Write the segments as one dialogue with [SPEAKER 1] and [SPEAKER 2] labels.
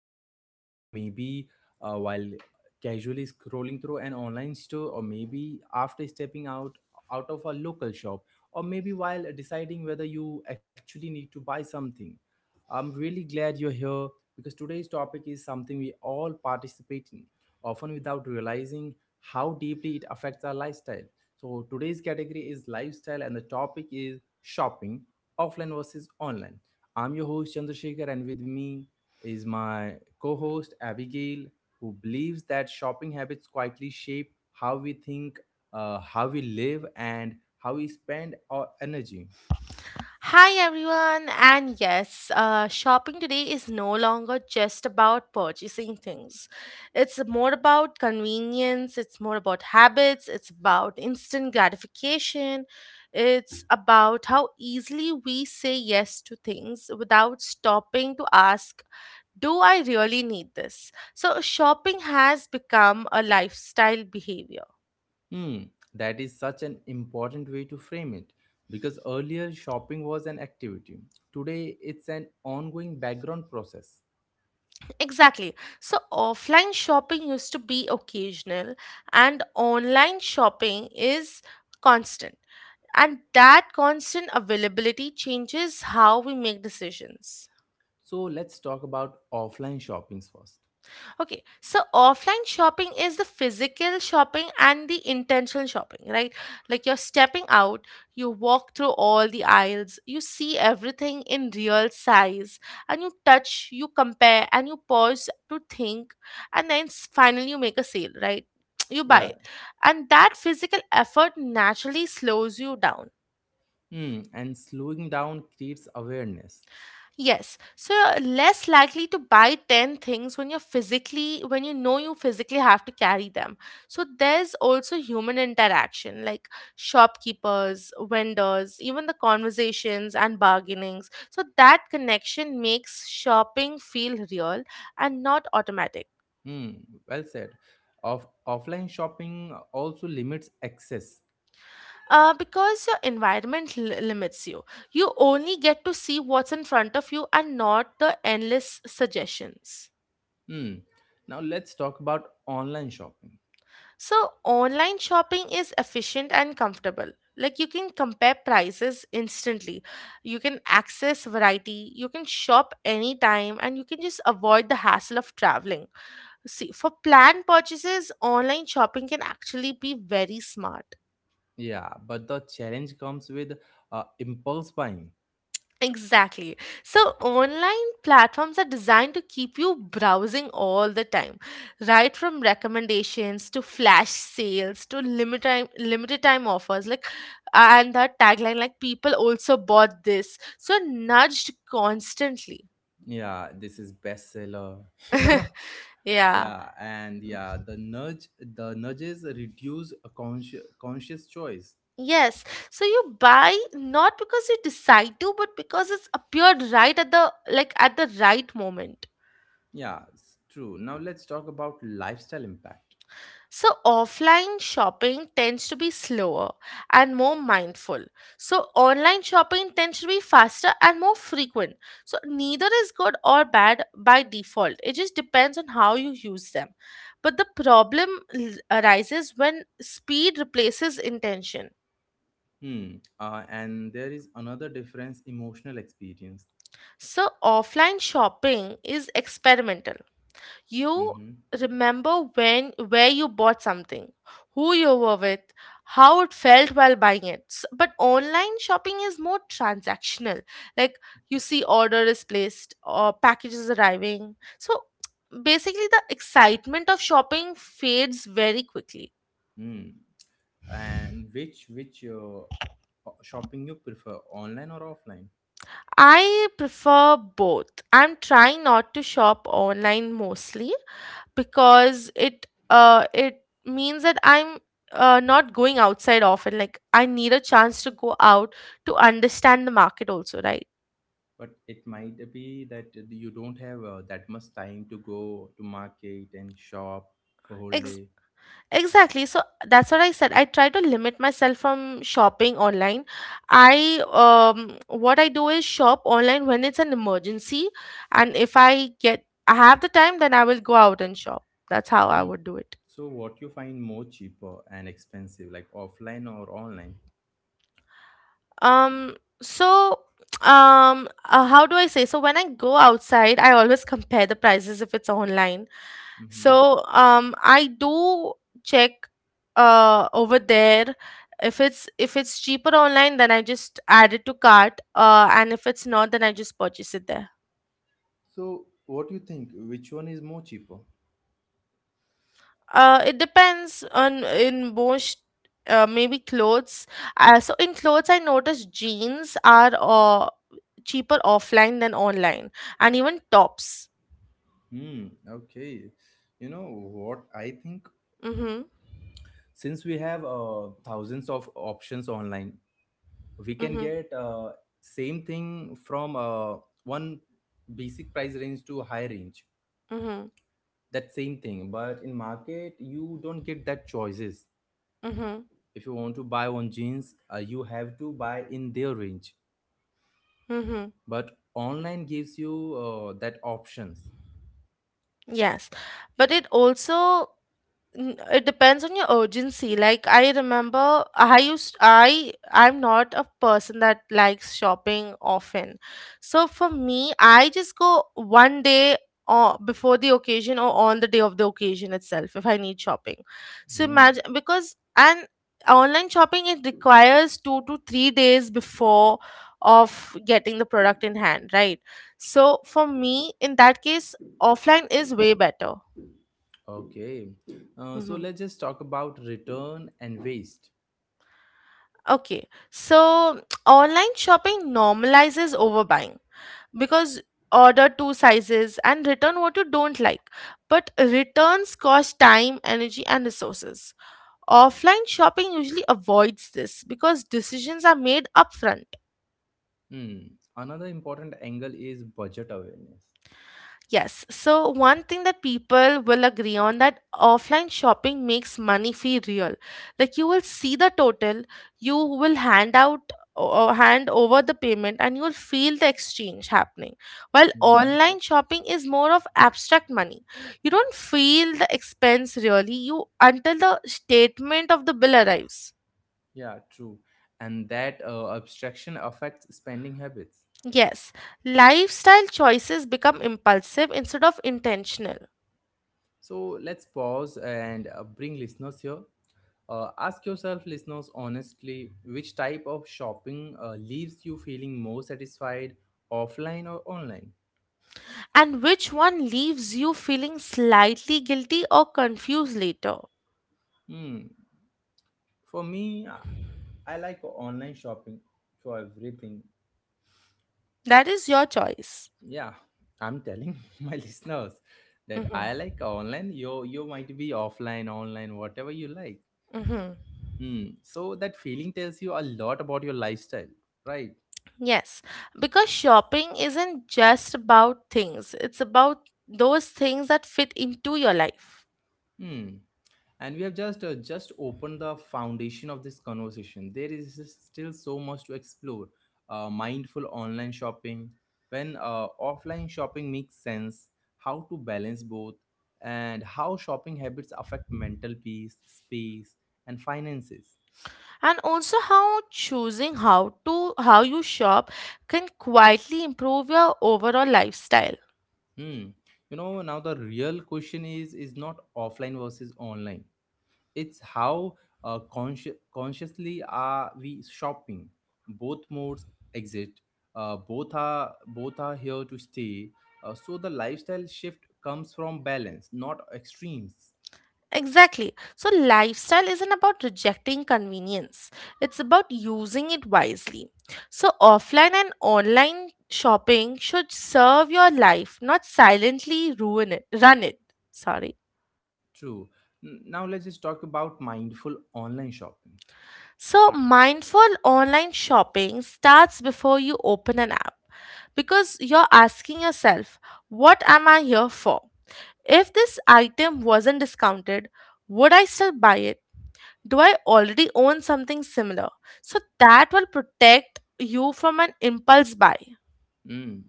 [SPEAKER 1] from right now. Maybe while casually scrolling through an online store, or maybe after stepping out of a local shop, or maybe while deciding whether you actually need to buy something. I'm really glad you're here because today's topic is something we all participate in, often without realizing how deeply it affects our lifestyle. So today's category is lifestyle, and the topic is shopping, offline versus online. I'm your host Chandrasekhar, and with me is my co host Abigail, who believes that shopping habits quietly shape how we think, how we live, and how we spend our energy.
[SPEAKER 2] Hi everyone, and yes, shopping today is no longer just about purchasing things. It's more about convenience, it's more about habits, it's about instant gratification, it's about how easily we say yes to things without stopping to ask, do I really need this? So shopping has become a lifestyle behavior.
[SPEAKER 1] Hmm, that is such an important way to frame it because earlier shopping was an activity, today it's an ongoing background process.
[SPEAKER 2] Exactly. So offline shopping used to be occasional and online shopping is constant. And that constant availability changes how we make decisions.
[SPEAKER 1] So let's talk about offline shoppings first.
[SPEAKER 2] Okay, so offline shopping is the physical shopping and the intentional shopping, right? Like you're stepping out, you walk through all the aisles, you see everything in real size, and you touch, you compare, and you pause to think, and then finally you make a sale, right? You buy
[SPEAKER 1] Yeah.
[SPEAKER 2] it. And that physical effort naturally slows you down.
[SPEAKER 1] Hmm. And slowing down creates awareness.
[SPEAKER 2] Yes. So you're less likely to buy 10 things when you're when you know you physically have to carry them. So there's also human interaction, like shopkeepers, vendors, even the conversations and bargainings. So that connection makes shopping feel real and not automatic.
[SPEAKER 1] Hmm, well said. Of offline shopping also limits access.
[SPEAKER 2] Because your environment limits you, you only get to see what's in front of you and not the endless suggestions.
[SPEAKER 1] Hmm. Now let's talk about online shopping.
[SPEAKER 2] So online shopping is efficient and comfortable. Like, you can compare prices instantly, you can access variety, you can shop anytime, and you can just avoid the hassle of traveling. See, for planned purchases, online shopping can actually be very smart.
[SPEAKER 1] Yeah, but the challenge comes with impulse buying.
[SPEAKER 2] Exactly. So online platforms are designed to keep you browsing all the time, right from recommendations to flash sales to limited time offers, like and that tagline like people also bought this. So you're nudged constantly.
[SPEAKER 1] Yeah, this is bestseller. You know.
[SPEAKER 2] Yeah.
[SPEAKER 1] Yeah, and yeah, the nudge, the nudges reduce a conscious choice.
[SPEAKER 2] Yes. So you buy not because you decide to but because it's appeared right at the like at the right moment.
[SPEAKER 1] Yeah, it's true. Now let's talk about lifestyle impact.
[SPEAKER 2] So offline shopping tends to be slower and more mindful. So online shopping tends to be faster and more frequent. So neither is good or bad by default. It just depends on how you use them. But the problem arises when speed replaces intention.
[SPEAKER 1] Hmm. And there is another difference: emotional experience.
[SPEAKER 2] So offline shopping is experimental. You
[SPEAKER 1] Mm-hmm.
[SPEAKER 2] remember when where you bought something, who you were with, how it felt while buying it. But online shopping is more transactional. Like you see order is placed or packages arriving. So basically the excitement of shopping fades very quickly.
[SPEAKER 1] Hmm. And which shopping you prefer, online or offline?
[SPEAKER 2] I prefer both. I'm trying not to shop online mostly because it means that I'm not going outside often. Like I need a chance to go out to understand the market also, right?
[SPEAKER 1] But it might be that you don't have that much time to go to market and shop for whole
[SPEAKER 2] Ex-
[SPEAKER 1] day.
[SPEAKER 2] exactly. So that's what I said. I try to limit myself from shopping online. I what I do is shop online when it's an emergency, and if I get I have the time, then I will go out and shop. That's how I
[SPEAKER 1] Hmm.
[SPEAKER 2] would do it.
[SPEAKER 1] So what you find more cheaper and expensive, like offline or online?
[SPEAKER 2] um so how do I say? So when I go outside I always compare the prices if it's online,
[SPEAKER 1] Mm-hmm.
[SPEAKER 2] so I do check over there. If it's cheaper online, then I just add it to cart, and if it's not, then I just purchase it there.
[SPEAKER 1] So what do you think? Which one is more cheaper?
[SPEAKER 2] It depends. On in most, maybe clothes, so in clothes I noticed jeans are cheaper offline than online, and even tops.
[SPEAKER 1] Hmm. Okay. You know what I think?
[SPEAKER 2] Mm-hmm.
[SPEAKER 1] Since we have thousands of options online, we can
[SPEAKER 2] Mm-hmm.
[SPEAKER 1] get same thing from one basic price range to high range,
[SPEAKER 2] Mm-hmm.
[SPEAKER 1] that same thing, but in market you don't get that choices.
[SPEAKER 2] Mm-hmm.
[SPEAKER 1] If you want to buy one jeans, you have to buy in their range,
[SPEAKER 2] Mm-hmm.
[SPEAKER 1] but online gives you that options.
[SPEAKER 2] Yes. But it also, N- it depends on your urgency. Like I remember I used I I'm not a person that likes shopping often, so for me I just go one day, or before the occasion, or on the day of the occasion itself if I need shopping. So
[SPEAKER 1] Hmm,
[SPEAKER 2] imagine, because and online shopping, it requires 2 to 3 days before of getting the product in hand, right? So for me in that case, offline is way better.
[SPEAKER 1] okay. So
[SPEAKER 2] Mm-hmm.
[SPEAKER 1] let's just talk about return and waste.
[SPEAKER 2] Okay, so online shopping normalizes overbuying because order two sizes and return what you don't like. But returns cost time, energy, and resources. Offline shopping usually avoids this because decisions are made upfront.
[SPEAKER 1] Hmm, another important angle is budget awareness.
[SPEAKER 2] Yes, so one thing that people will agree on, that offline shopping makes money feel real. Like you will see the total, you will hand out or hand over the payment, and you will feel the exchange happening. While
[SPEAKER 1] Mm-hmm.
[SPEAKER 2] online shopping is more of abstract money. You don't feel the expense really you until the statement of the bill arrives.
[SPEAKER 1] Yeah, true. And that abstraction affects spending habits.
[SPEAKER 2] Yes, lifestyle choices become impulsive instead of intentional.
[SPEAKER 1] So let's pause and bring listeners here. Ask yourself, listeners, honestly, which type of shopping leaves you feeling more satisfied, offline or online?
[SPEAKER 2] And which one leaves you feeling slightly guilty or confused later?
[SPEAKER 1] Hmm. For me, I like online shopping for everything.
[SPEAKER 2] That is your choice.
[SPEAKER 1] Yeah, I'm telling my listeners that I
[SPEAKER 2] Hmm.
[SPEAKER 1] like online. You might be offline, online, whatever you like.
[SPEAKER 2] Hmm.
[SPEAKER 1] Hmm. So that feeling tells you a lot about your lifestyle, right?
[SPEAKER 2] Yes, because shopping isn't just about things, it's about those things that fit into your life.
[SPEAKER 1] Hmm. And we have just just opened the foundation of this conversation. There is still so much to explore. Mindful online shopping, when offline shopping makes sense, how to balance both, and how shopping habits affect mental peace, space, and finances.
[SPEAKER 2] And also how choosing how to how you shop can quietly improve your overall lifestyle.
[SPEAKER 1] Hmm. You know now the real question is not offline versus online, it's how consciously are we shopping, both modes exist, both are here to stay. So the lifestyle shift comes from balance not extremes.
[SPEAKER 2] Exactly. So lifestyle isn't about rejecting convenience, it's about using it wisely. So offline and online shopping should serve your life, not silently run it. Sorry.
[SPEAKER 1] True. Now let's just talk about mindful online shopping.
[SPEAKER 2] So mindful online shopping starts before you open an app, because you're asking yourself, what am I here for? If this item wasn't discounted, would I still buy it? Do I already own something similar? So that will protect you from an impulse buy.
[SPEAKER 1] Mm.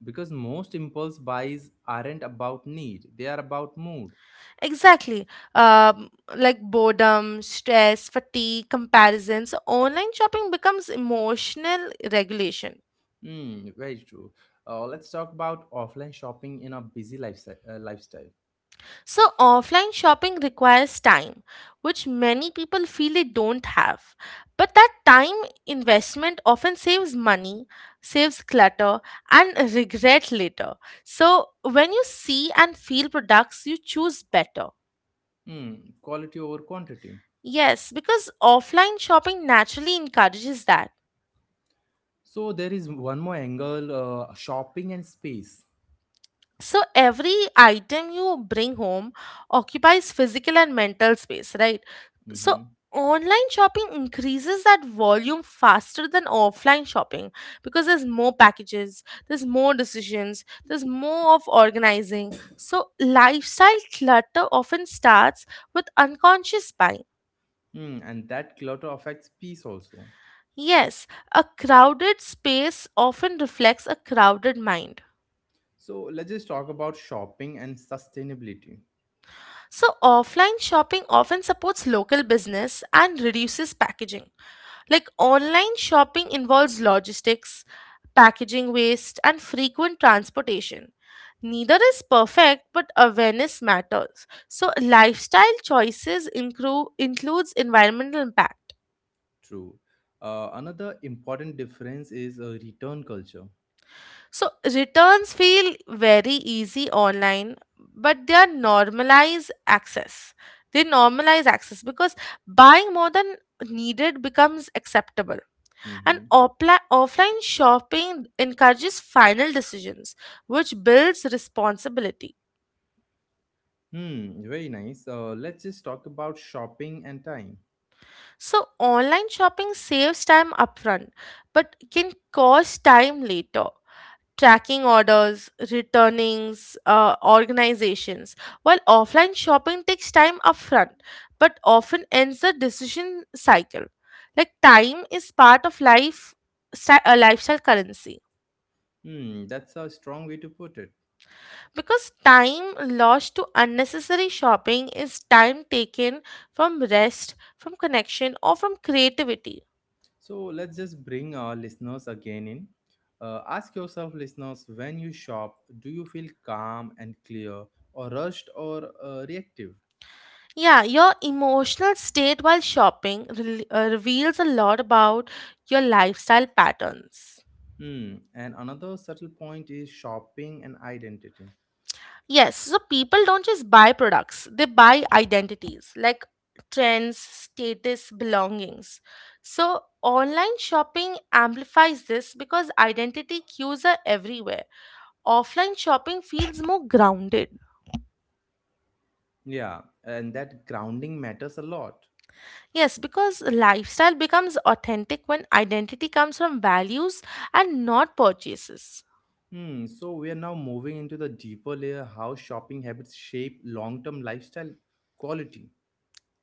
[SPEAKER 1] Because most impulse buys aren't about need, they are about mood.
[SPEAKER 2] Exactly. Um, like boredom, stress, fatigue, comparison. So online shopping becomes emotional regulation.
[SPEAKER 1] Mm, very true. Let's talk about offline shopping in a busy lifestyle.
[SPEAKER 2] So offline shopping requires time, which many people feel they don't have. But that time investment often saves money, saves clutter, and regret later. So when you see and feel products, you choose better.
[SPEAKER 1] Hmm, quality over quantity.
[SPEAKER 2] Yes, because offline shopping naturally encourages that.
[SPEAKER 1] So there is one more angle: shopping and space.
[SPEAKER 2] So every item you bring home occupies physical and mental space, right? So
[SPEAKER 1] Hmm.
[SPEAKER 2] online shopping increases that volume faster than offline shopping, because there's more packages, there's more decisions, there's more of organizing. So lifestyle clutter often starts with unconscious buying.
[SPEAKER 1] Hmm, and that clutter affects peace also.
[SPEAKER 2] Yes, a crowded space often reflects a crowded mind.
[SPEAKER 1] So let's just talk about shopping and sustainability.
[SPEAKER 2] So offline shopping often supports local business and reduces packaging. Like online shopping involves logistics, packaging waste, and frequent transportation. Neither is perfect, but awareness matters. So lifestyle choices includes environmental impact.
[SPEAKER 1] True. Another important difference is return culture.
[SPEAKER 2] So returns feel very easy online, but they are normalize access. They normalize access because buying more than needed becomes acceptable. And
[SPEAKER 1] Hmm.
[SPEAKER 2] offline shopping encourages final decisions, which builds responsibility.
[SPEAKER 1] Hmm, very nice. Let's just talk about shopping and time.
[SPEAKER 2] So online shopping saves time upfront, but can cost time later. Tracking orders, returnings, organizations. While offline shopping takes time upfront, but often ends the decision cycle. Like time is part of life, a lifestyle currency.
[SPEAKER 1] Hmm, that's a strong way to put it.
[SPEAKER 2] Because time lost to unnecessary shopping is time taken from rest, from connection, or from creativity.
[SPEAKER 1] So let's just bring our listeners again in. Ask yourself, listeners, when you shop, do you feel calm and clear, or rushed or reactive?
[SPEAKER 2] Yeah, your emotional state while shopping reveals a lot about your lifestyle patterns.
[SPEAKER 1] Hmm. And another subtle point is shopping and identity.
[SPEAKER 2] Yes, so people don't just buy products, they buy identities, like trends, status, belongings. So online shopping amplifies this because identity cues are everywhere. Offline shopping feels more grounded.
[SPEAKER 1] Yeah, and that grounding matters a lot.
[SPEAKER 2] Yes, because lifestyle becomes authentic when identity comes from values and not purchases.
[SPEAKER 1] Hmm. So we are now moving into the deeper layer, how shopping habits shape long term lifestyle quality.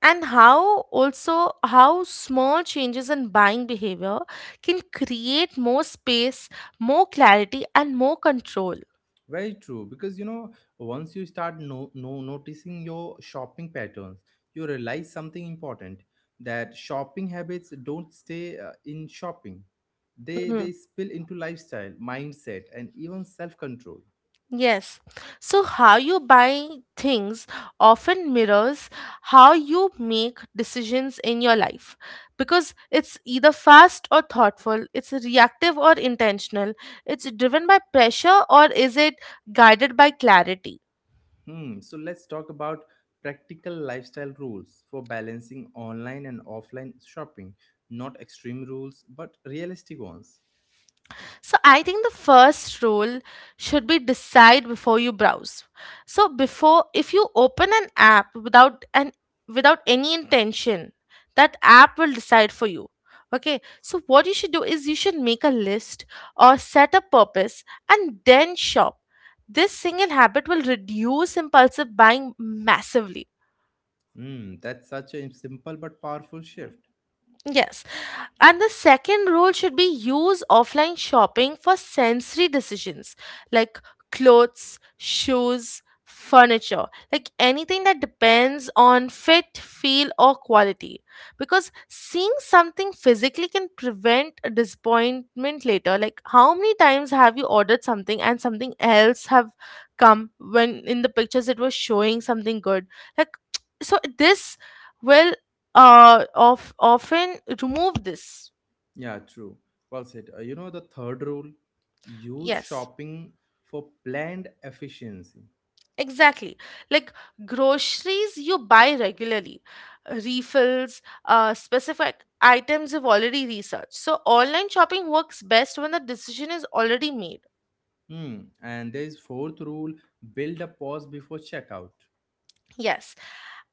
[SPEAKER 2] And how also how small changes in buying behavior can create more space, more clarity, and more control.
[SPEAKER 1] Very true, because you know, once you start no, no noticing your shopping patterns, you realize something important, that shopping habits don't stay in shopping. They
[SPEAKER 2] Mhm.
[SPEAKER 1] they spill into lifestyle, mindset, and even self-control.
[SPEAKER 2] Yes, so how you buy things often mirrors how you make decisions in your life, because it's either fast or thoughtful, it's reactive or intentional, it's driven by pressure, or is it guided by clarity.
[SPEAKER 1] Hmm. So let's talk about practical lifestyle rules for balancing online and offline shopping. Not extreme rules, but realistic ones.
[SPEAKER 2] So I think the first rule should be decide before you browse. So before, if you open an app without any intention, that app will decide for you. Okay, so what you should do is you should make a list or set a purpose, and then shop. This single habit will reduce impulsive buying massively.
[SPEAKER 1] Hmm. That's such a simple but powerful shift.
[SPEAKER 2] Yes. And the second rule should be use offline shopping for sensory decisions, like clothes, shoes, furniture, like anything that depends on fit, feel, or quality. Because seeing something physically can prevent a disappointment later. Like, how many times have you ordered something and something else have come when in the pictures it was showing something good? Like, so this will of often remove this.
[SPEAKER 1] Yeah, true. Well said. You know, the third rule, use
[SPEAKER 2] Yes,
[SPEAKER 1] shopping for planned efficiency.
[SPEAKER 2] exactly. Like groceries you buy regularly, refills, specific items you've already researched. So online shopping works best when the decision is already made.
[SPEAKER 1] Hmm. And there is fourth rule, build a pause before checkout.
[SPEAKER 2] Yes,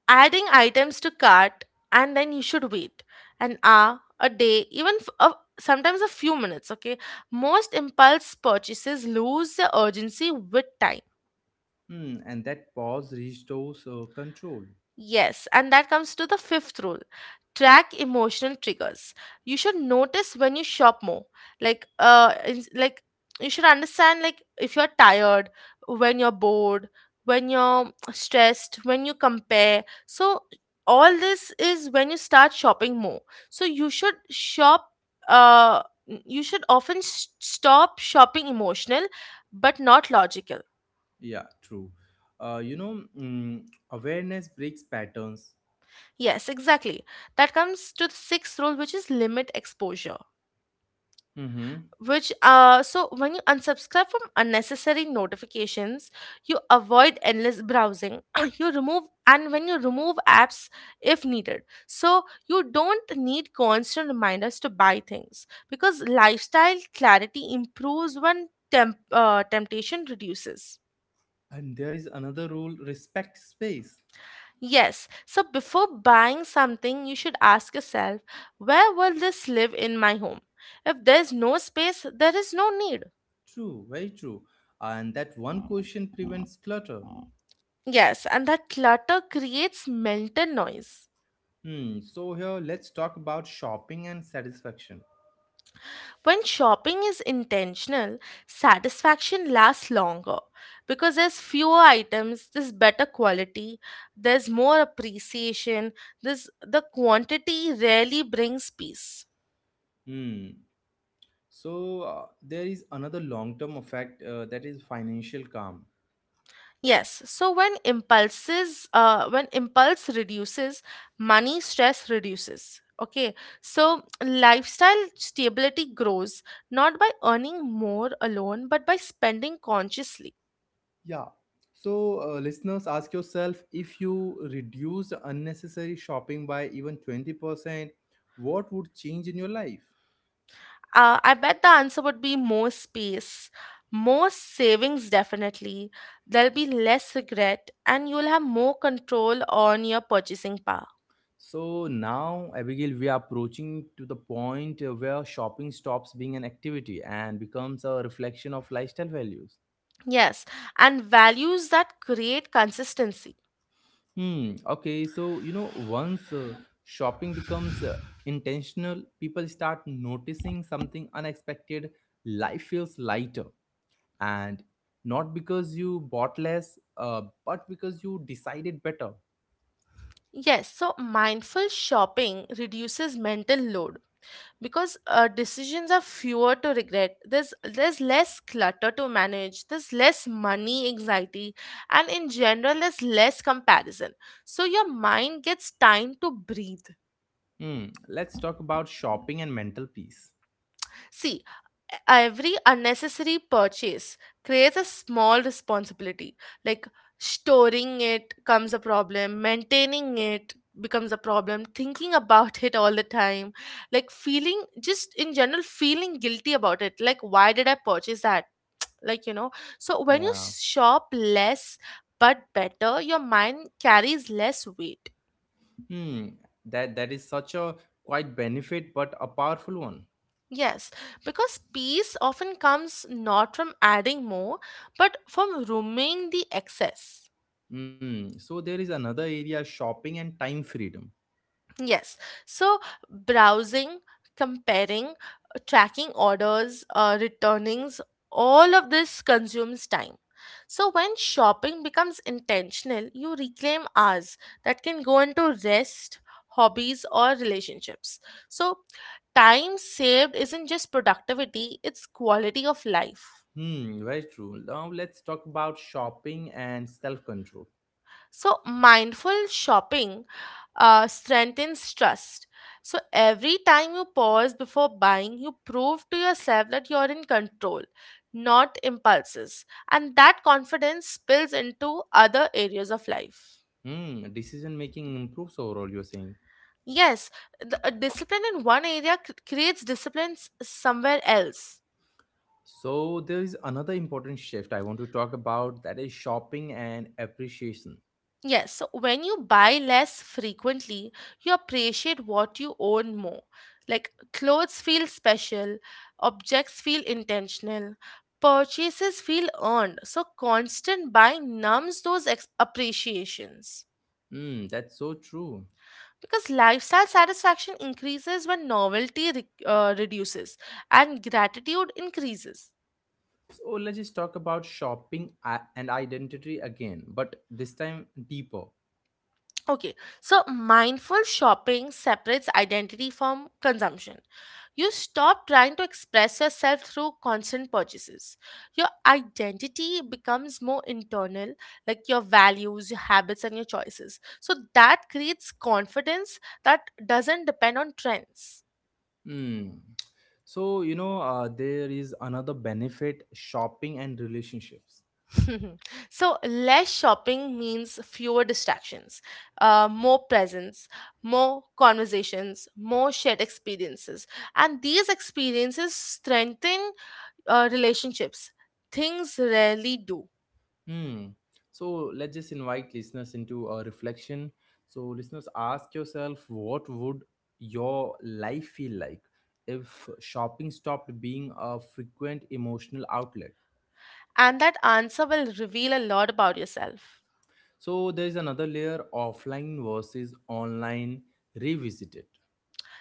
[SPEAKER 2] adding items to cart, and then you should wait an hour, a day, even sometimes a few minutes. Okay, most impulse purchases lose their urgency with time.
[SPEAKER 1] Hmm. And that pause restores control.
[SPEAKER 2] Yes, and that comes to the fifth rule, track emotional triggers. You should notice when you shop more. Like, you should understand, like if you're tired, when you're bored, when you're stressed, when you compare. So all this is when you start shopping more. So you should shop. Uh, you should often s stop shopping emotional, but not logical.
[SPEAKER 1] Yeah, true. You know, mm, awareness breaks patterns.
[SPEAKER 2] Yes, exactly. That comes to the sixth rule, which is limit exposure.
[SPEAKER 1] Mm-hmm.
[SPEAKER 2] Which, so when you unsubscribe from unnecessary notifications, you avoid endless browsing. You remove, and when you remove apps if needed, so you don't need constant reminders to buy things, because lifestyle clarity improves when temptation reduces.
[SPEAKER 1] And there is another rule, respect space.
[SPEAKER 2] Yes, so before buying something, you should ask yourself, where will this live in my home? If there's no space, there is no need.
[SPEAKER 1] True, very true. And that one question prevents clutter.
[SPEAKER 2] Yes, and that clutter creates mental noise.
[SPEAKER 1] Hmm. So here, let's talk about shopping and satisfaction.
[SPEAKER 2] When shopping is intentional, satisfaction lasts longer because there's fewer items, there's better quality, there's more appreciation, this the quantity rarely brings peace.
[SPEAKER 1] Hmm. So there is another long-term effect that is financial calm.
[SPEAKER 2] Yes. So when impulses, when impulse reduces, money stress reduces. Okay. So lifestyle stability grows not by earning more alone, but by spending consciously.
[SPEAKER 1] Yeah. So listeners, ask yourself if you reduce unnecessary shopping by even 20%, what would change in your life?
[SPEAKER 2] I bet the answer would be more space, more savings, definitely. There'll be less regret, and you'll have more control on your purchasing power.
[SPEAKER 1] So now, Abigail, we are approaching to the point where shopping stops being an activity and becomes a reflection of lifestyle values.
[SPEAKER 2] Yes. And values that create consistency.
[SPEAKER 1] Hmm. Okay. So, you know, once shopping becomes intentional, people start noticing something unexpected. Life feels lighter. And not because you bought less, but because you decided better.
[SPEAKER 2] Yes, so mindful shopping reduces mental load because decisions are fewer to regret. There's less clutter to manage. There's less money anxiety, and in general, there's less comparison. So your mind gets time to breathe.
[SPEAKER 1] Hmm. Let's talk about shopping and mental peace.
[SPEAKER 2] See, every unnecessary purchase creates a small responsibility. Like storing it comes a problem, maintaining it becomes a problem, thinking about it all the time, like feeling just in general feeling guilty about it. Like, why did I purchase that? Like, you know, so when you
[SPEAKER 1] Yeah.
[SPEAKER 2] shop less but better, your mind carries less weight.
[SPEAKER 1] Hmm. That that is such a quite benefit, but a powerful one.
[SPEAKER 2] Yes, because peace often comes not from adding more, but from rooming the excess.
[SPEAKER 1] Hmm. So there is another area, shopping and time freedom.
[SPEAKER 2] Yes, so browsing, comparing, tracking orders, returnings, all of this consumes time. So when shopping becomes intentional, you reclaim hours that can go into rest, hobbies, or relationships. So time saved isn't just productivity, it's quality of life.
[SPEAKER 1] Hmm, very true. Now let's talk about shopping and self-control.
[SPEAKER 2] So, mindful shopping strengthens trust. So, every time you pause before buying, you prove to yourself that you're in control, not impulses. And that confidence spills into other areas of life.
[SPEAKER 1] Hmm, decision making improves overall, you're saying.
[SPEAKER 2] Yes, the, discipline in one area creates disciplines somewhere else.
[SPEAKER 1] So there is another important shift I want to talk about, that is shopping and appreciation.
[SPEAKER 2] Yes, so when you buy less frequently, you appreciate what you own more. Like clothes feel special, objects feel intentional, purchases feel earned. So constant buying numbs those appreciations.
[SPEAKER 1] Hmm, that's so true.
[SPEAKER 2] Because lifestyle satisfaction increases when novelty reduces and gratitude increases.
[SPEAKER 1] So let's just talk about shopping and identity again, but this time deeper.
[SPEAKER 2] Okay, so mindful shopping separates identity from consumption. You stop trying to express yourself through constant purchases. Your identity becomes more internal, like your values, your habits, and your choices. So that creates confidence that doesn't depend on trends.
[SPEAKER 1] Hmm. So you know, there is another benefit: shopping and relationships.
[SPEAKER 2] So less shopping means fewer distractions, more presence, more conversations, more shared experiences, and these experiences strengthen, relationships, things rarely do.
[SPEAKER 1] Hmm. So let's just invite listeners into a reflection. So listeners, ask yourself, what would your life feel like if shopping stopped being a frequent emotional outlet?
[SPEAKER 2] And that answer will reveal a lot about yourself.
[SPEAKER 1] So there is another layer, offline versus online revisited,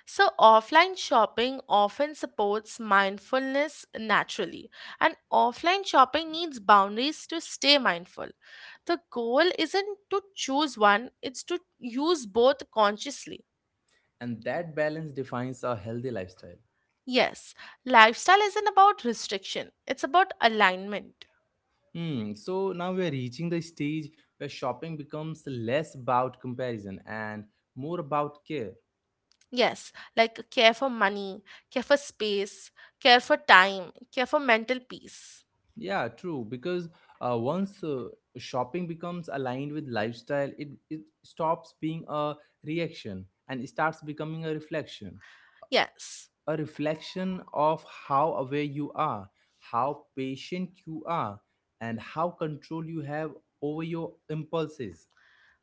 [SPEAKER 2] So, offline shopping often supports mindfulness naturally, and offline shopping needs boundaries to stay mindful. The goal isn't to choose one, it's to use both consciously.
[SPEAKER 1] and that balance defines a healthy lifestyle.
[SPEAKER 2] Yes, lifestyle isn't about restriction, it's about alignment.
[SPEAKER 1] Hmm. So now we are reaching the stage where shopping becomes less about comparison and more about care.
[SPEAKER 2] Yes, like care for money, care for space, care for time, care for mental peace.
[SPEAKER 1] Yeah, true. Because once shopping becomes aligned with lifestyle, it stops being a reaction and starts becoming a reflection.
[SPEAKER 2] Yes.
[SPEAKER 1] A reflection of how aware you are, how patient you are, and how control you have over your impulses.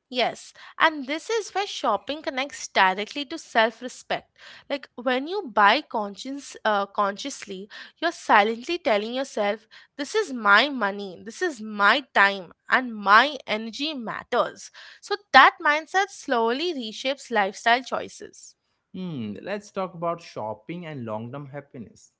[SPEAKER 2] Yes, and this is where shopping connects directly to self-respect. Like when you buy conscience consciously, you're silently telling yourself, "This is my money, this is my time, and my energy matters." So that mindset slowly reshapes lifestyle choices.
[SPEAKER 1] Hmm, let's talk about shopping and long term happiness.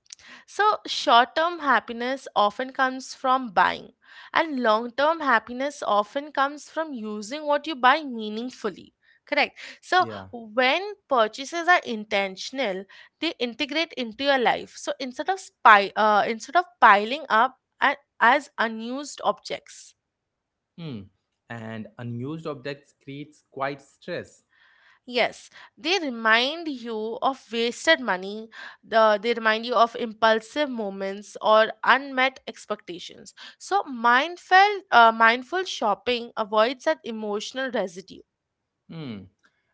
[SPEAKER 2] So, short term happiness often comes from buying, and long term happiness often comes from using what you buy meaningfully. Correct. So,
[SPEAKER 1] Yeah.
[SPEAKER 2] when purchases are intentional, they integrate into your life. So, instead of piling up as unused objects.
[SPEAKER 1] Hmm. And unused objects creates quite stress.
[SPEAKER 2] Yes, they remind you of wasted money, the, they remind you of impulsive moments or unmet expectations. So, mindful shopping avoids that emotional residue.
[SPEAKER 1] Hmm.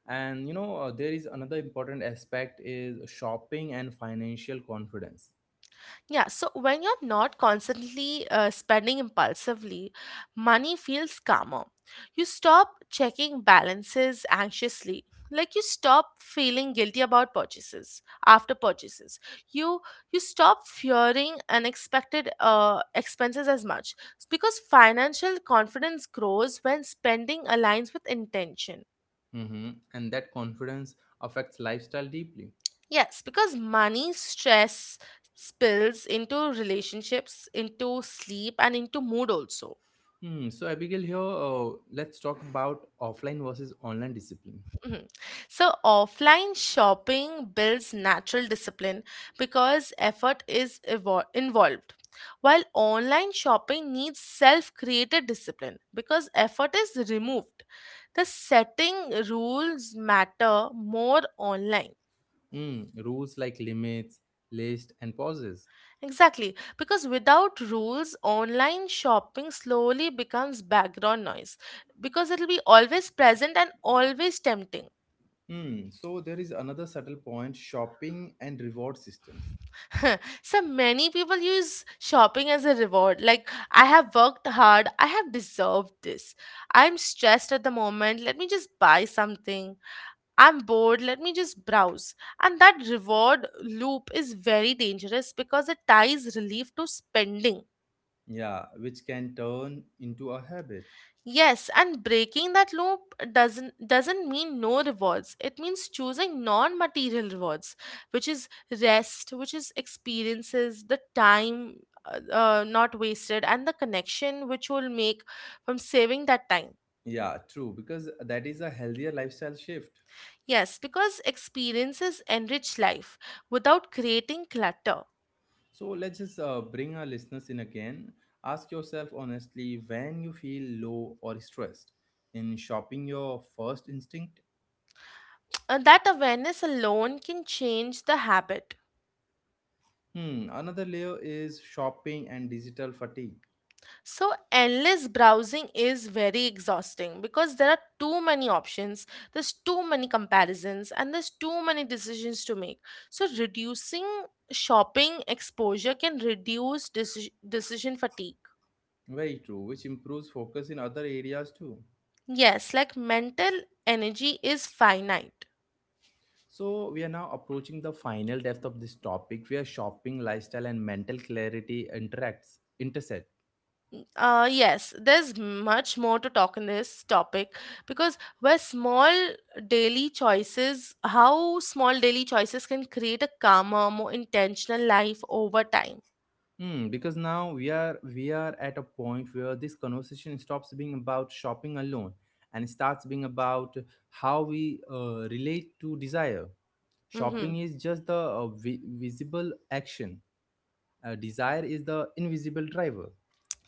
[SPEAKER 1] And you know, there is another important aspect is shopping and financial confidence.
[SPEAKER 2] Yeah, so when you're not constantly spending impulsively, money feels calmer. You stop checking balances anxiously. Like you stop feeling guilty about purchases after purchases. You you stop fearing unexpected expenses as much because financial confidence grows when spending aligns with intention.
[SPEAKER 1] Hmm. And that confidence affects lifestyle deeply.
[SPEAKER 2] Yes, because money stress spills into relationships, into sleep, and into mood also.
[SPEAKER 1] Hmm. So Abigail, here let's talk about offline versus online discipline.
[SPEAKER 2] Mhm. So, offline shopping builds natural discipline because effort is involved, while online shopping needs self created discipline because effort is removed. The setting rules matter more online.
[SPEAKER 1] Hmm. Rules like limits, list, and pauses.
[SPEAKER 2] Exactly, because without rules, online shopping slowly becomes background noise because it'll be always present and always tempting.
[SPEAKER 1] Hmm. So there is another subtle point: shopping and reward systems.
[SPEAKER 2] So many people use shopping as a reward, like, I have worked hard, I have deserved this, I'm stressed at the moment, let me just buy something, I'm bored, let me just browse. And that reward loop is very dangerous because it ties relief to spending.
[SPEAKER 1] Yeah, which can turn into a habit.
[SPEAKER 2] Yes, and breaking that loop doesn't mean no rewards. It means choosing non-material rewards, which is rest, which is experiences, the time not wasted, and the connection which will make from saving that time.
[SPEAKER 1] Yeah, true, because that is a healthier lifestyle shift.
[SPEAKER 2] Yes, because experiences enrich life without creating clutter.
[SPEAKER 1] So let's just bring our listeners in again. Ask yourself honestly when you feel low or stressed. In shopping, your first instinct?
[SPEAKER 2] And that awareness alone can change the habit.
[SPEAKER 1] Hmm, another layer is shopping and digital fatigue.
[SPEAKER 2] So, endless browsing is very exhausting because there are too many options, there's too many comparisons, and there's too many decisions to make. So, reducing shopping exposure can reduce decision fatigue.
[SPEAKER 1] Very true, which improves focus in other areas too.
[SPEAKER 2] Yes, like mental energy is finite.
[SPEAKER 1] So we are now approaching the final depth of this topic where shopping, lifestyle, and mental clarity interacts intersect.
[SPEAKER 2] Yes, there's much more to talk in this topic because where small daily choices, how small daily choices can create a calmer, more intentional life over time.
[SPEAKER 1] Hmm, because now we are at a point where this conversation stops being about shopping alone and starts being about how we relate to desire. Shopping
[SPEAKER 2] Mm-hmm.
[SPEAKER 1] is just the visible action. Desire is the invisible driver.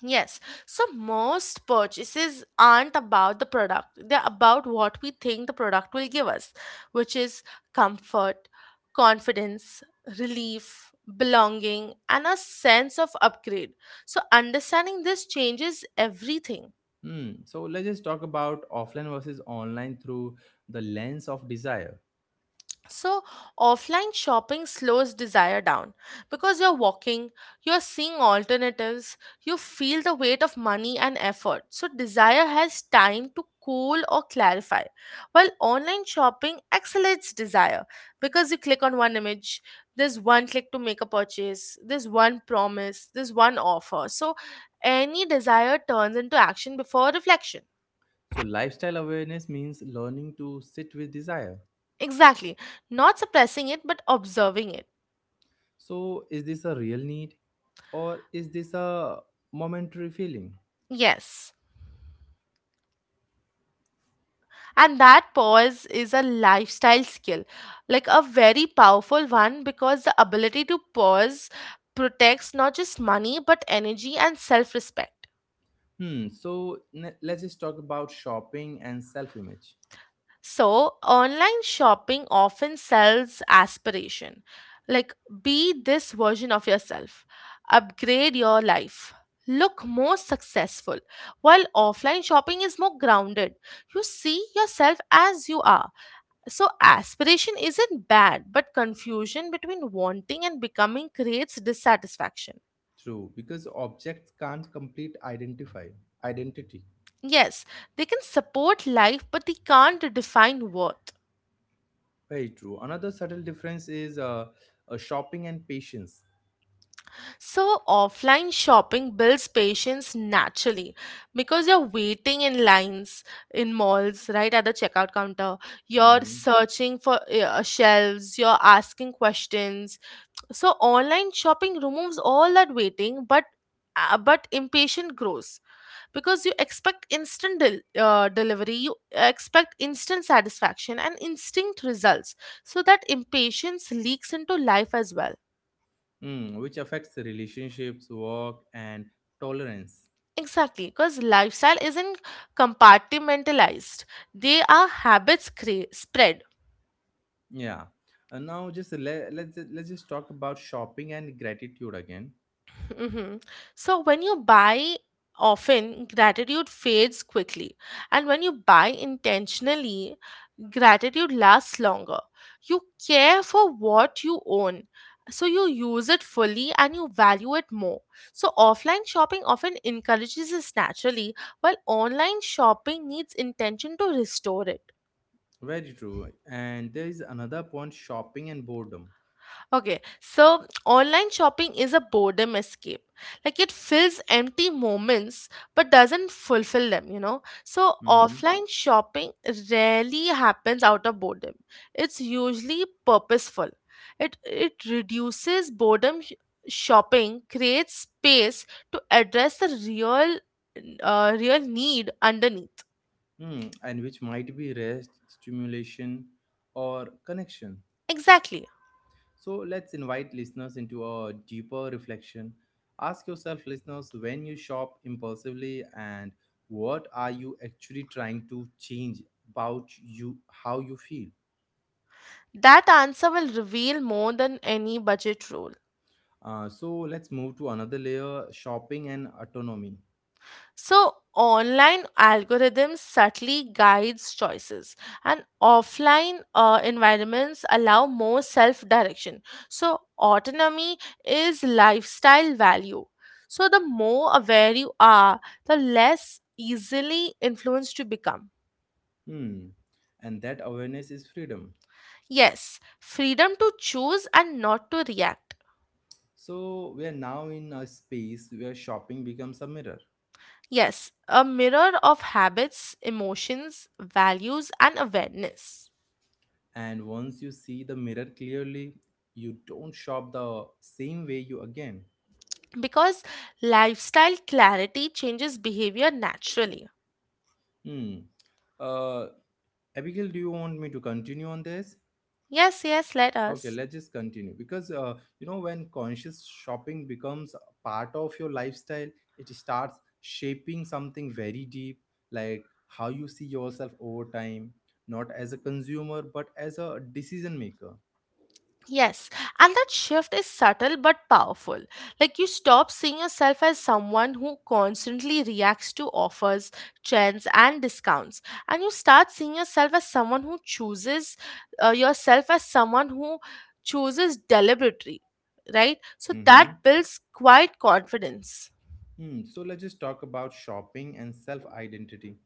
[SPEAKER 2] Yes. So most purchases aren't about the product, they're about what we think the product will give us, which is comfort, confidence, relief, belonging, and a sense of upgrade. So understanding this changes everything.
[SPEAKER 1] Hmm. So let's just talk about offline versus online through the lens of desire.
[SPEAKER 2] So, offline shopping slows desire down because you're walking, you're seeing alternatives, you feel the weight of money and effort. So, desire has time to cool or clarify, while online shopping accelerates desire because you click on one image, there's one click to make a purchase, there's one promise, there's one offer. So, any desire turns into action before reflection.
[SPEAKER 1] So lifestyle awareness means learning to sit with desire.
[SPEAKER 2] Exactly. Not suppressing it, but observing it.
[SPEAKER 1] So, is this a real need or is this a momentary feeling?
[SPEAKER 2] Yes. And that pause is a lifestyle skill, like a very powerful one, because the ability to pause protects not just money but energy and self respect.
[SPEAKER 1] Hmm, so let's just talk about shopping and self image.
[SPEAKER 2] So, online shopping often sells aspiration, like, be this version of yourself, upgrade your life, look more successful. While offline shopping is more grounded, you see yourself as you are. So, aspiration isn't bad, but confusion between wanting and becoming creates dissatisfaction.
[SPEAKER 1] True, because objects can't complete identify identity.
[SPEAKER 2] Yes, they can support life, but they can't define worth.
[SPEAKER 1] Very true. Another subtle difference is shopping and patience.
[SPEAKER 2] So, offline shopping builds patience naturally because you're waiting in lines in malls, right at the checkout counter. You're
[SPEAKER 1] Mhm.
[SPEAKER 2] searching for shelves, you're asking questions. So, online shopping removes all that waiting, but impatient grows because you expect delivery, you expect instant satisfaction and instinct results. So, that impatience leaks into life as well.
[SPEAKER 1] Mm, which affects the relationships, work, and tolerance.
[SPEAKER 2] Exactly, because lifestyle isn't compartmentalized. They are habits spread.
[SPEAKER 1] Yeah. And now, just le- let's just talk about shopping and gratitude again.
[SPEAKER 2] Mhm. So when you buy often, gratitude fades quickly. And when you buy intentionally, gratitude lasts longer. You care for what you own. So you use it fully and you value it more. So offline shopping often encourages this naturally, while online shopping needs intention to restore it.
[SPEAKER 1] Very true. And there is another point, shopping and boredom.
[SPEAKER 2] Okay, so online shopping is a boredom escape. Like it fills empty moments but doesn't fulfill them, you know. So
[SPEAKER 1] Mhm.
[SPEAKER 2] offline shopping rarely happens out of boredom. It's usually purposeful. It reduces shopping, creates space to address the real need underneath.
[SPEAKER 1] Hmm, and which might be rest, stimulation, or connection.
[SPEAKER 2] Exactly.
[SPEAKER 1] So let's invite listeners into a deeper reflection. Ask yourself, listeners, when you shop impulsively, and what are you actually trying to change about you, how you feel?
[SPEAKER 2] That answer will reveal more than any budget rule.
[SPEAKER 1] So let's move to another layer, shopping and autonomy.
[SPEAKER 2] So online algorithms subtly guides choices and offline environments allow more self direction. So autonomy is lifestyle value. So the more aware you are, the less easily influenced you become.
[SPEAKER 1] Hmm. And that awareness is freedom.
[SPEAKER 2] Yes, freedom to choose and not to react.
[SPEAKER 1] So we are now in a space where shopping becomes a mirror.
[SPEAKER 2] Yes, a mirror of habits, emotions, values and awareness.
[SPEAKER 1] And once you see the mirror clearly, you don't shop the same way you again.
[SPEAKER 2] Because lifestyle clarity changes behavior naturally.
[SPEAKER 1] Hmm. Uh, Abigail, do you want me to continue on this?
[SPEAKER 2] Yes, yes, let
[SPEAKER 1] Okay,
[SPEAKER 2] us.
[SPEAKER 1] let's just continue because you know when conscious shopping becomes a part of your lifestyle, it starts shaping something very deep, like how you see yourself over time, not as a consumer but as a decision maker.
[SPEAKER 2] Yes, and that shift is subtle but powerful. Like you stop seeing yourself as someone who constantly reacts to offers, trends, and discounts, and you start seeing yourself as someone who chooses yourself as someone who chooses deliberately, right? So that
[SPEAKER 1] Mm-hmm.
[SPEAKER 2] builds quite confidence.
[SPEAKER 1] Hmm. So let's just talk about shopping and self identity.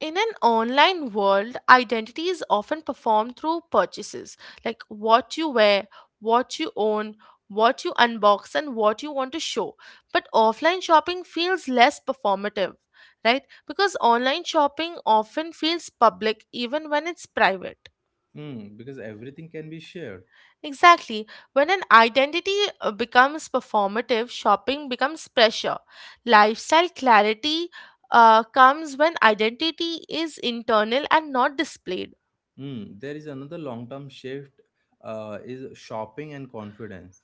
[SPEAKER 2] In an online world, identity is often performed through purchases like what you wear, what you own, what you unbox, and what you want to show. But offline shopping feels less performative, right? Because online shopping often feels public even when it's private.
[SPEAKER 1] Hmm. Because everything can be shared.
[SPEAKER 2] Exactly. When an identity becomes performative, shopping becomes pressure. Lifestyle clarity comes when identity is internal and not displayed.
[SPEAKER 1] Hmm. There is another long term shift is shopping and confidence.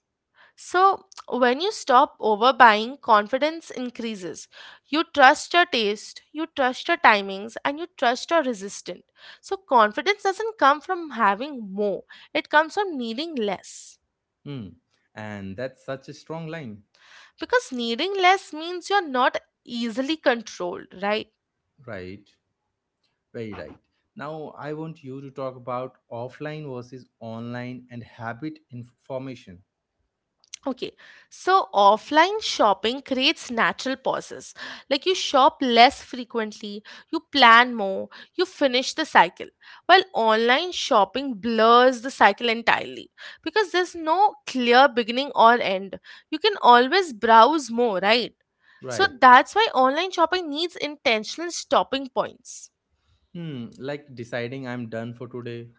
[SPEAKER 2] So, when you stop overbuying, confidence increases. You trust your taste, you trust your timings, and you trust your resistance. So, confidence doesn't come from having more, it comes from needing less.
[SPEAKER 1] Hmm. And that's such a strong line.
[SPEAKER 2] Because needing less means you're not easily controlled, right?
[SPEAKER 1] Right. Very right. Now I want you to talk about offline versus online and habit information.
[SPEAKER 2] Okay, so offline shopping creates natural pauses. Like you shop less frequently, you plan more, you finish the cycle. While online shopping blurs the cycle entirely because there's no clear beginning or end. You can always browse more, right? So
[SPEAKER 1] Right.
[SPEAKER 2] that's why online shopping needs intentional stopping points.
[SPEAKER 1] Hmm. Like deciding I'm done for today.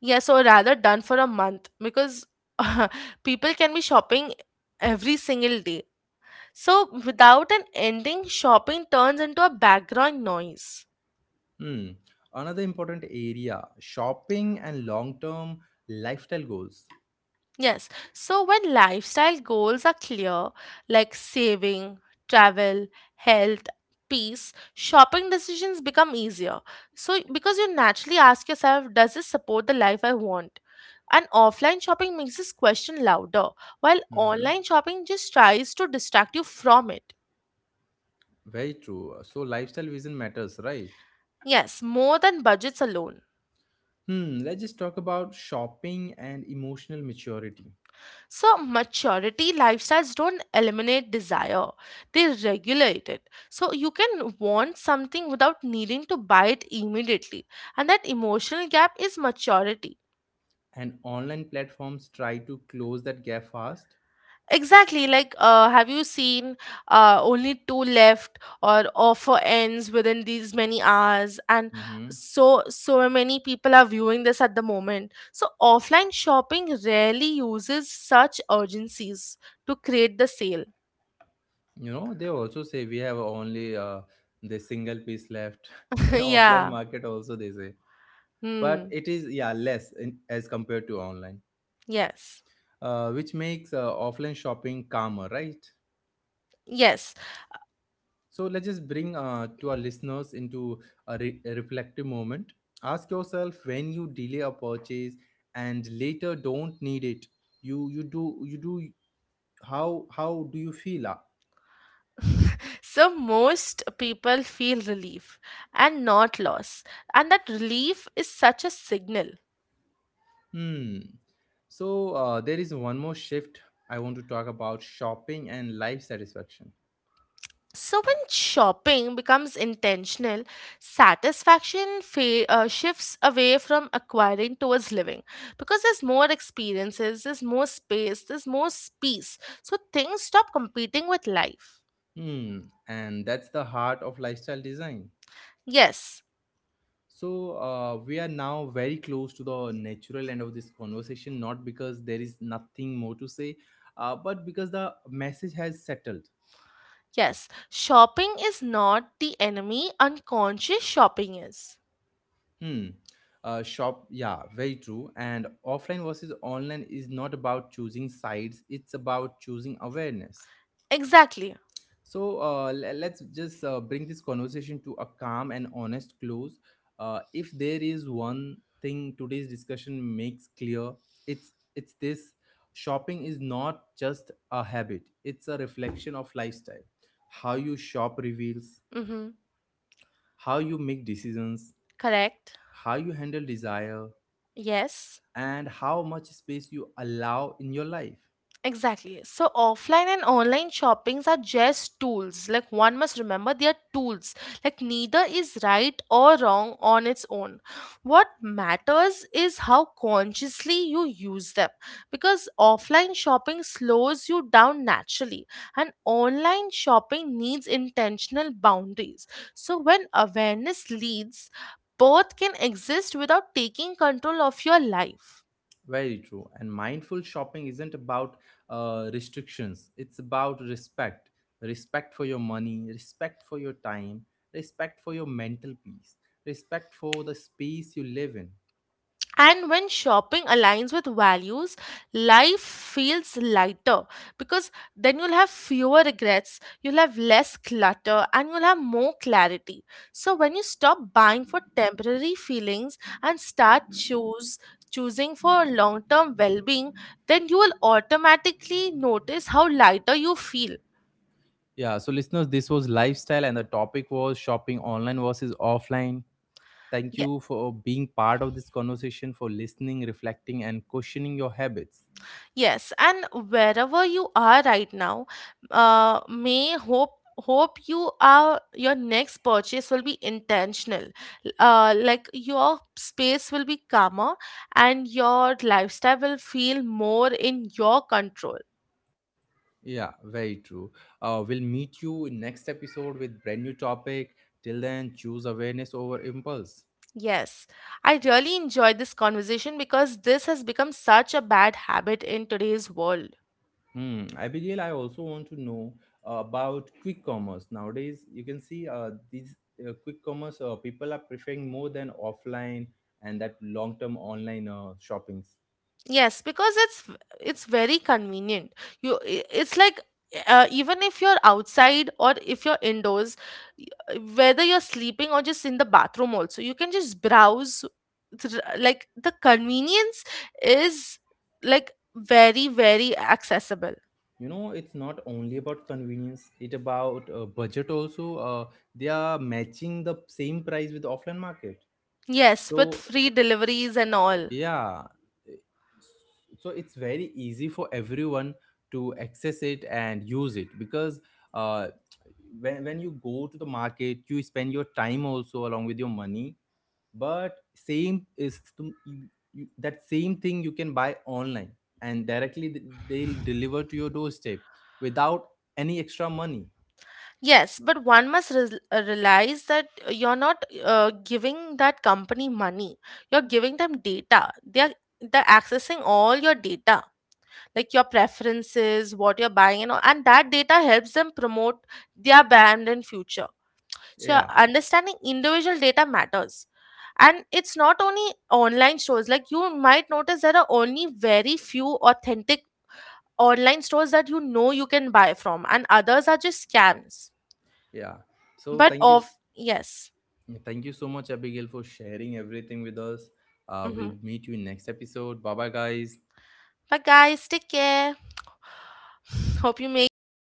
[SPEAKER 2] Yes, or rather, done for a month because people can be shopping every single day. So, without an ending, shopping turns into a background noise.
[SPEAKER 1] Hmm. Another important area shopping and long term lifestyle goals.
[SPEAKER 2] Yes, so when lifestyle goals are clear, like saving, travel, health, peace, shopping decisions become easier. So, because you naturally ask yourself, does this support the life I want? And offline shopping makes this question louder, while
[SPEAKER 1] Hmm,
[SPEAKER 2] online shopping just tries to distract you from it.
[SPEAKER 1] very true. So lifestyle vision matters, right?
[SPEAKER 2] Yes, more than budgets alone.
[SPEAKER 1] Hmm, let's just talk about shopping and emotional maturity.
[SPEAKER 2] So, maturity lifestyles don't eliminate desire, they regulate it. So, you can want something without needing to buy it immediately, and that emotional gap is maturity.
[SPEAKER 1] And online platforms try to close that gap fast.
[SPEAKER 2] Exactly, like have you seen only two left, or offer ends within these many hours, and
[SPEAKER 1] Mm-hmm.
[SPEAKER 2] so so many people are viewing this at the moment. So offline shopping rarely uses such urgencies to create the sale.
[SPEAKER 1] You know, they also say we have only the single piece left. In offline
[SPEAKER 2] Yeah.
[SPEAKER 1] market also they say, but
[SPEAKER 2] Hmm.
[SPEAKER 1] it is yeah less in, as compared to online,
[SPEAKER 2] Yes,
[SPEAKER 1] which makes offline shopping calmer, right?
[SPEAKER 2] yes.
[SPEAKER 1] So let's just bring to our listeners into a reflective moment. Ask yourself when you delay a purchase and later don't need it. You you do How do you feel?
[SPEAKER 2] So most people feel relief and not loss, and that relief is such a signal.
[SPEAKER 1] Hmm. So there is one more shift I want to talk about shopping and life satisfaction.
[SPEAKER 2] So when shopping becomes intentional, satisfaction shifts away from acquiring towards living because there's more experiences, there's more space, there's more peace. So things stop competing with life.
[SPEAKER 1] Hmm. And that's the heart of lifestyle design.
[SPEAKER 2] Yes,
[SPEAKER 1] So we are now very close to the natural end of this conversation, not because there is nothing more to say, but because the message has settled.
[SPEAKER 2] yes. Shopping is not the enemy, unconscious shopping is.
[SPEAKER 1] Hmm. Yeah, very true. And offline versus online is not about choosing sides; it's about choosing awareness.
[SPEAKER 2] Exactly.
[SPEAKER 1] Let's just bring this conversation to a calm and honest close. If there is one thing today's discussion makes clear, it's this: shopping is not just a habit; it's a reflection of lifestyle. How you shop reveals
[SPEAKER 2] Mm-hmm.
[SPEAKER 1] how you make decisions,
[SPEAKER 2] Correct.
[SPEAKER 1] how you handle desire,
[SPEAKER 2] Yes,
[SPEAKER 1] and how much space you allow in your life.
[SPEAKER 2] exactly. So offline and online shoppings are just tools. Like one must remember they are tools. Like neither is right or wrong on its own. What matters is how consciously you use them. Because offline shopping slows you down naturally and online shopping needs intentional boundaries. So when awareness leads, both can exist without taking control of your life.
[SPEAKER 1] Very true. And mindful shopping isn't about restrictions, it's about respect. Respect for your money, respect for your time, respect for your mental peace, respect for the space you live in.
[SPEAKER 2] And when shopping aligns with values, life feels lighter because then you'll have fewer regrets, you'll have less clutter, and you'll have more clarity. So when you stop buying for temporary feelings and start choose choosing for long-term well-being, then you will automatically notice how lighter you feel.
[SPEAKER 1] Yeah, so listeners, this was lifestyle, and the topic was shopping online versus offline. Thank you for being part of this conversation, for listening, reflecting, and questioning your habits.
[SPEAKER 2] Yes, and wherever you are right now, may hope you are your next purchase will be intentional. Like your space will be calmer, and your lifestyle will feel more in your control.
[SPEAKER 1] Yeah, very true. We'll meet you in next episode with brand new topic. Till then, choose awareness over impulse.
[SPEAKER 2] Yes, I really enjoyed this conversation because this has become such a bad habit in today's world.
[SPEAKER 1] Hmm. Abigail, I also want to know about quick commerce. Nowadays, you can see these quick commerce people are preferring more than offline and that long-term online shoppings.
[SPEAKER 2] Yes, because it's very convenient. It's like even if you're outside or if you're indoors, whether you're sleeping or just in the bathroom also, you can just like the convenience is like very very accessible.
[SPEAKER 1] You know, it's not only about convenience; it about budget also. They are matching the same price with offline market.
[SPEAKER 2] Yes, with
[SPEAKER 1] So
[SPEAKER 2] free deliveries and all.
[SPEAKER 1] yeah, so it's very easy for everyone to access it and use it because uh, when you go to the market you spend your time also along with your money but same is that same thing you can buy online and directly they'll deliver to your doorstep without any extra money.
[SPEAKER 2] Yes, but one must realize that you're not giving that company money. You're giving them data. They're accessing all your data, like your preferences, what you're buying, and all, and that data helps them promote their brand in future. So your
[SPEAKER 1] Yeah,
[SPEAKER 2] understanding individual data matters. And it's not only online stores. Like you might notice there are only very few authentic online stores that you know you can buy from, and others are just scams.
[SPEAKER 1] yeah, so
[SPEAKER 2] But
[SPEAKER 1] thank you.
[SPEAKER 2] of yes.
[SPEAKER 1] Yeah, thank you so much, Abigail, for sharing everything with us.
[SPEAKER 2] Hmm.
[SPEAKER 1] We'll meet you in next episode. Bye bye, guys.
[SPEAKER 2] But guys, take care. Hope you make your next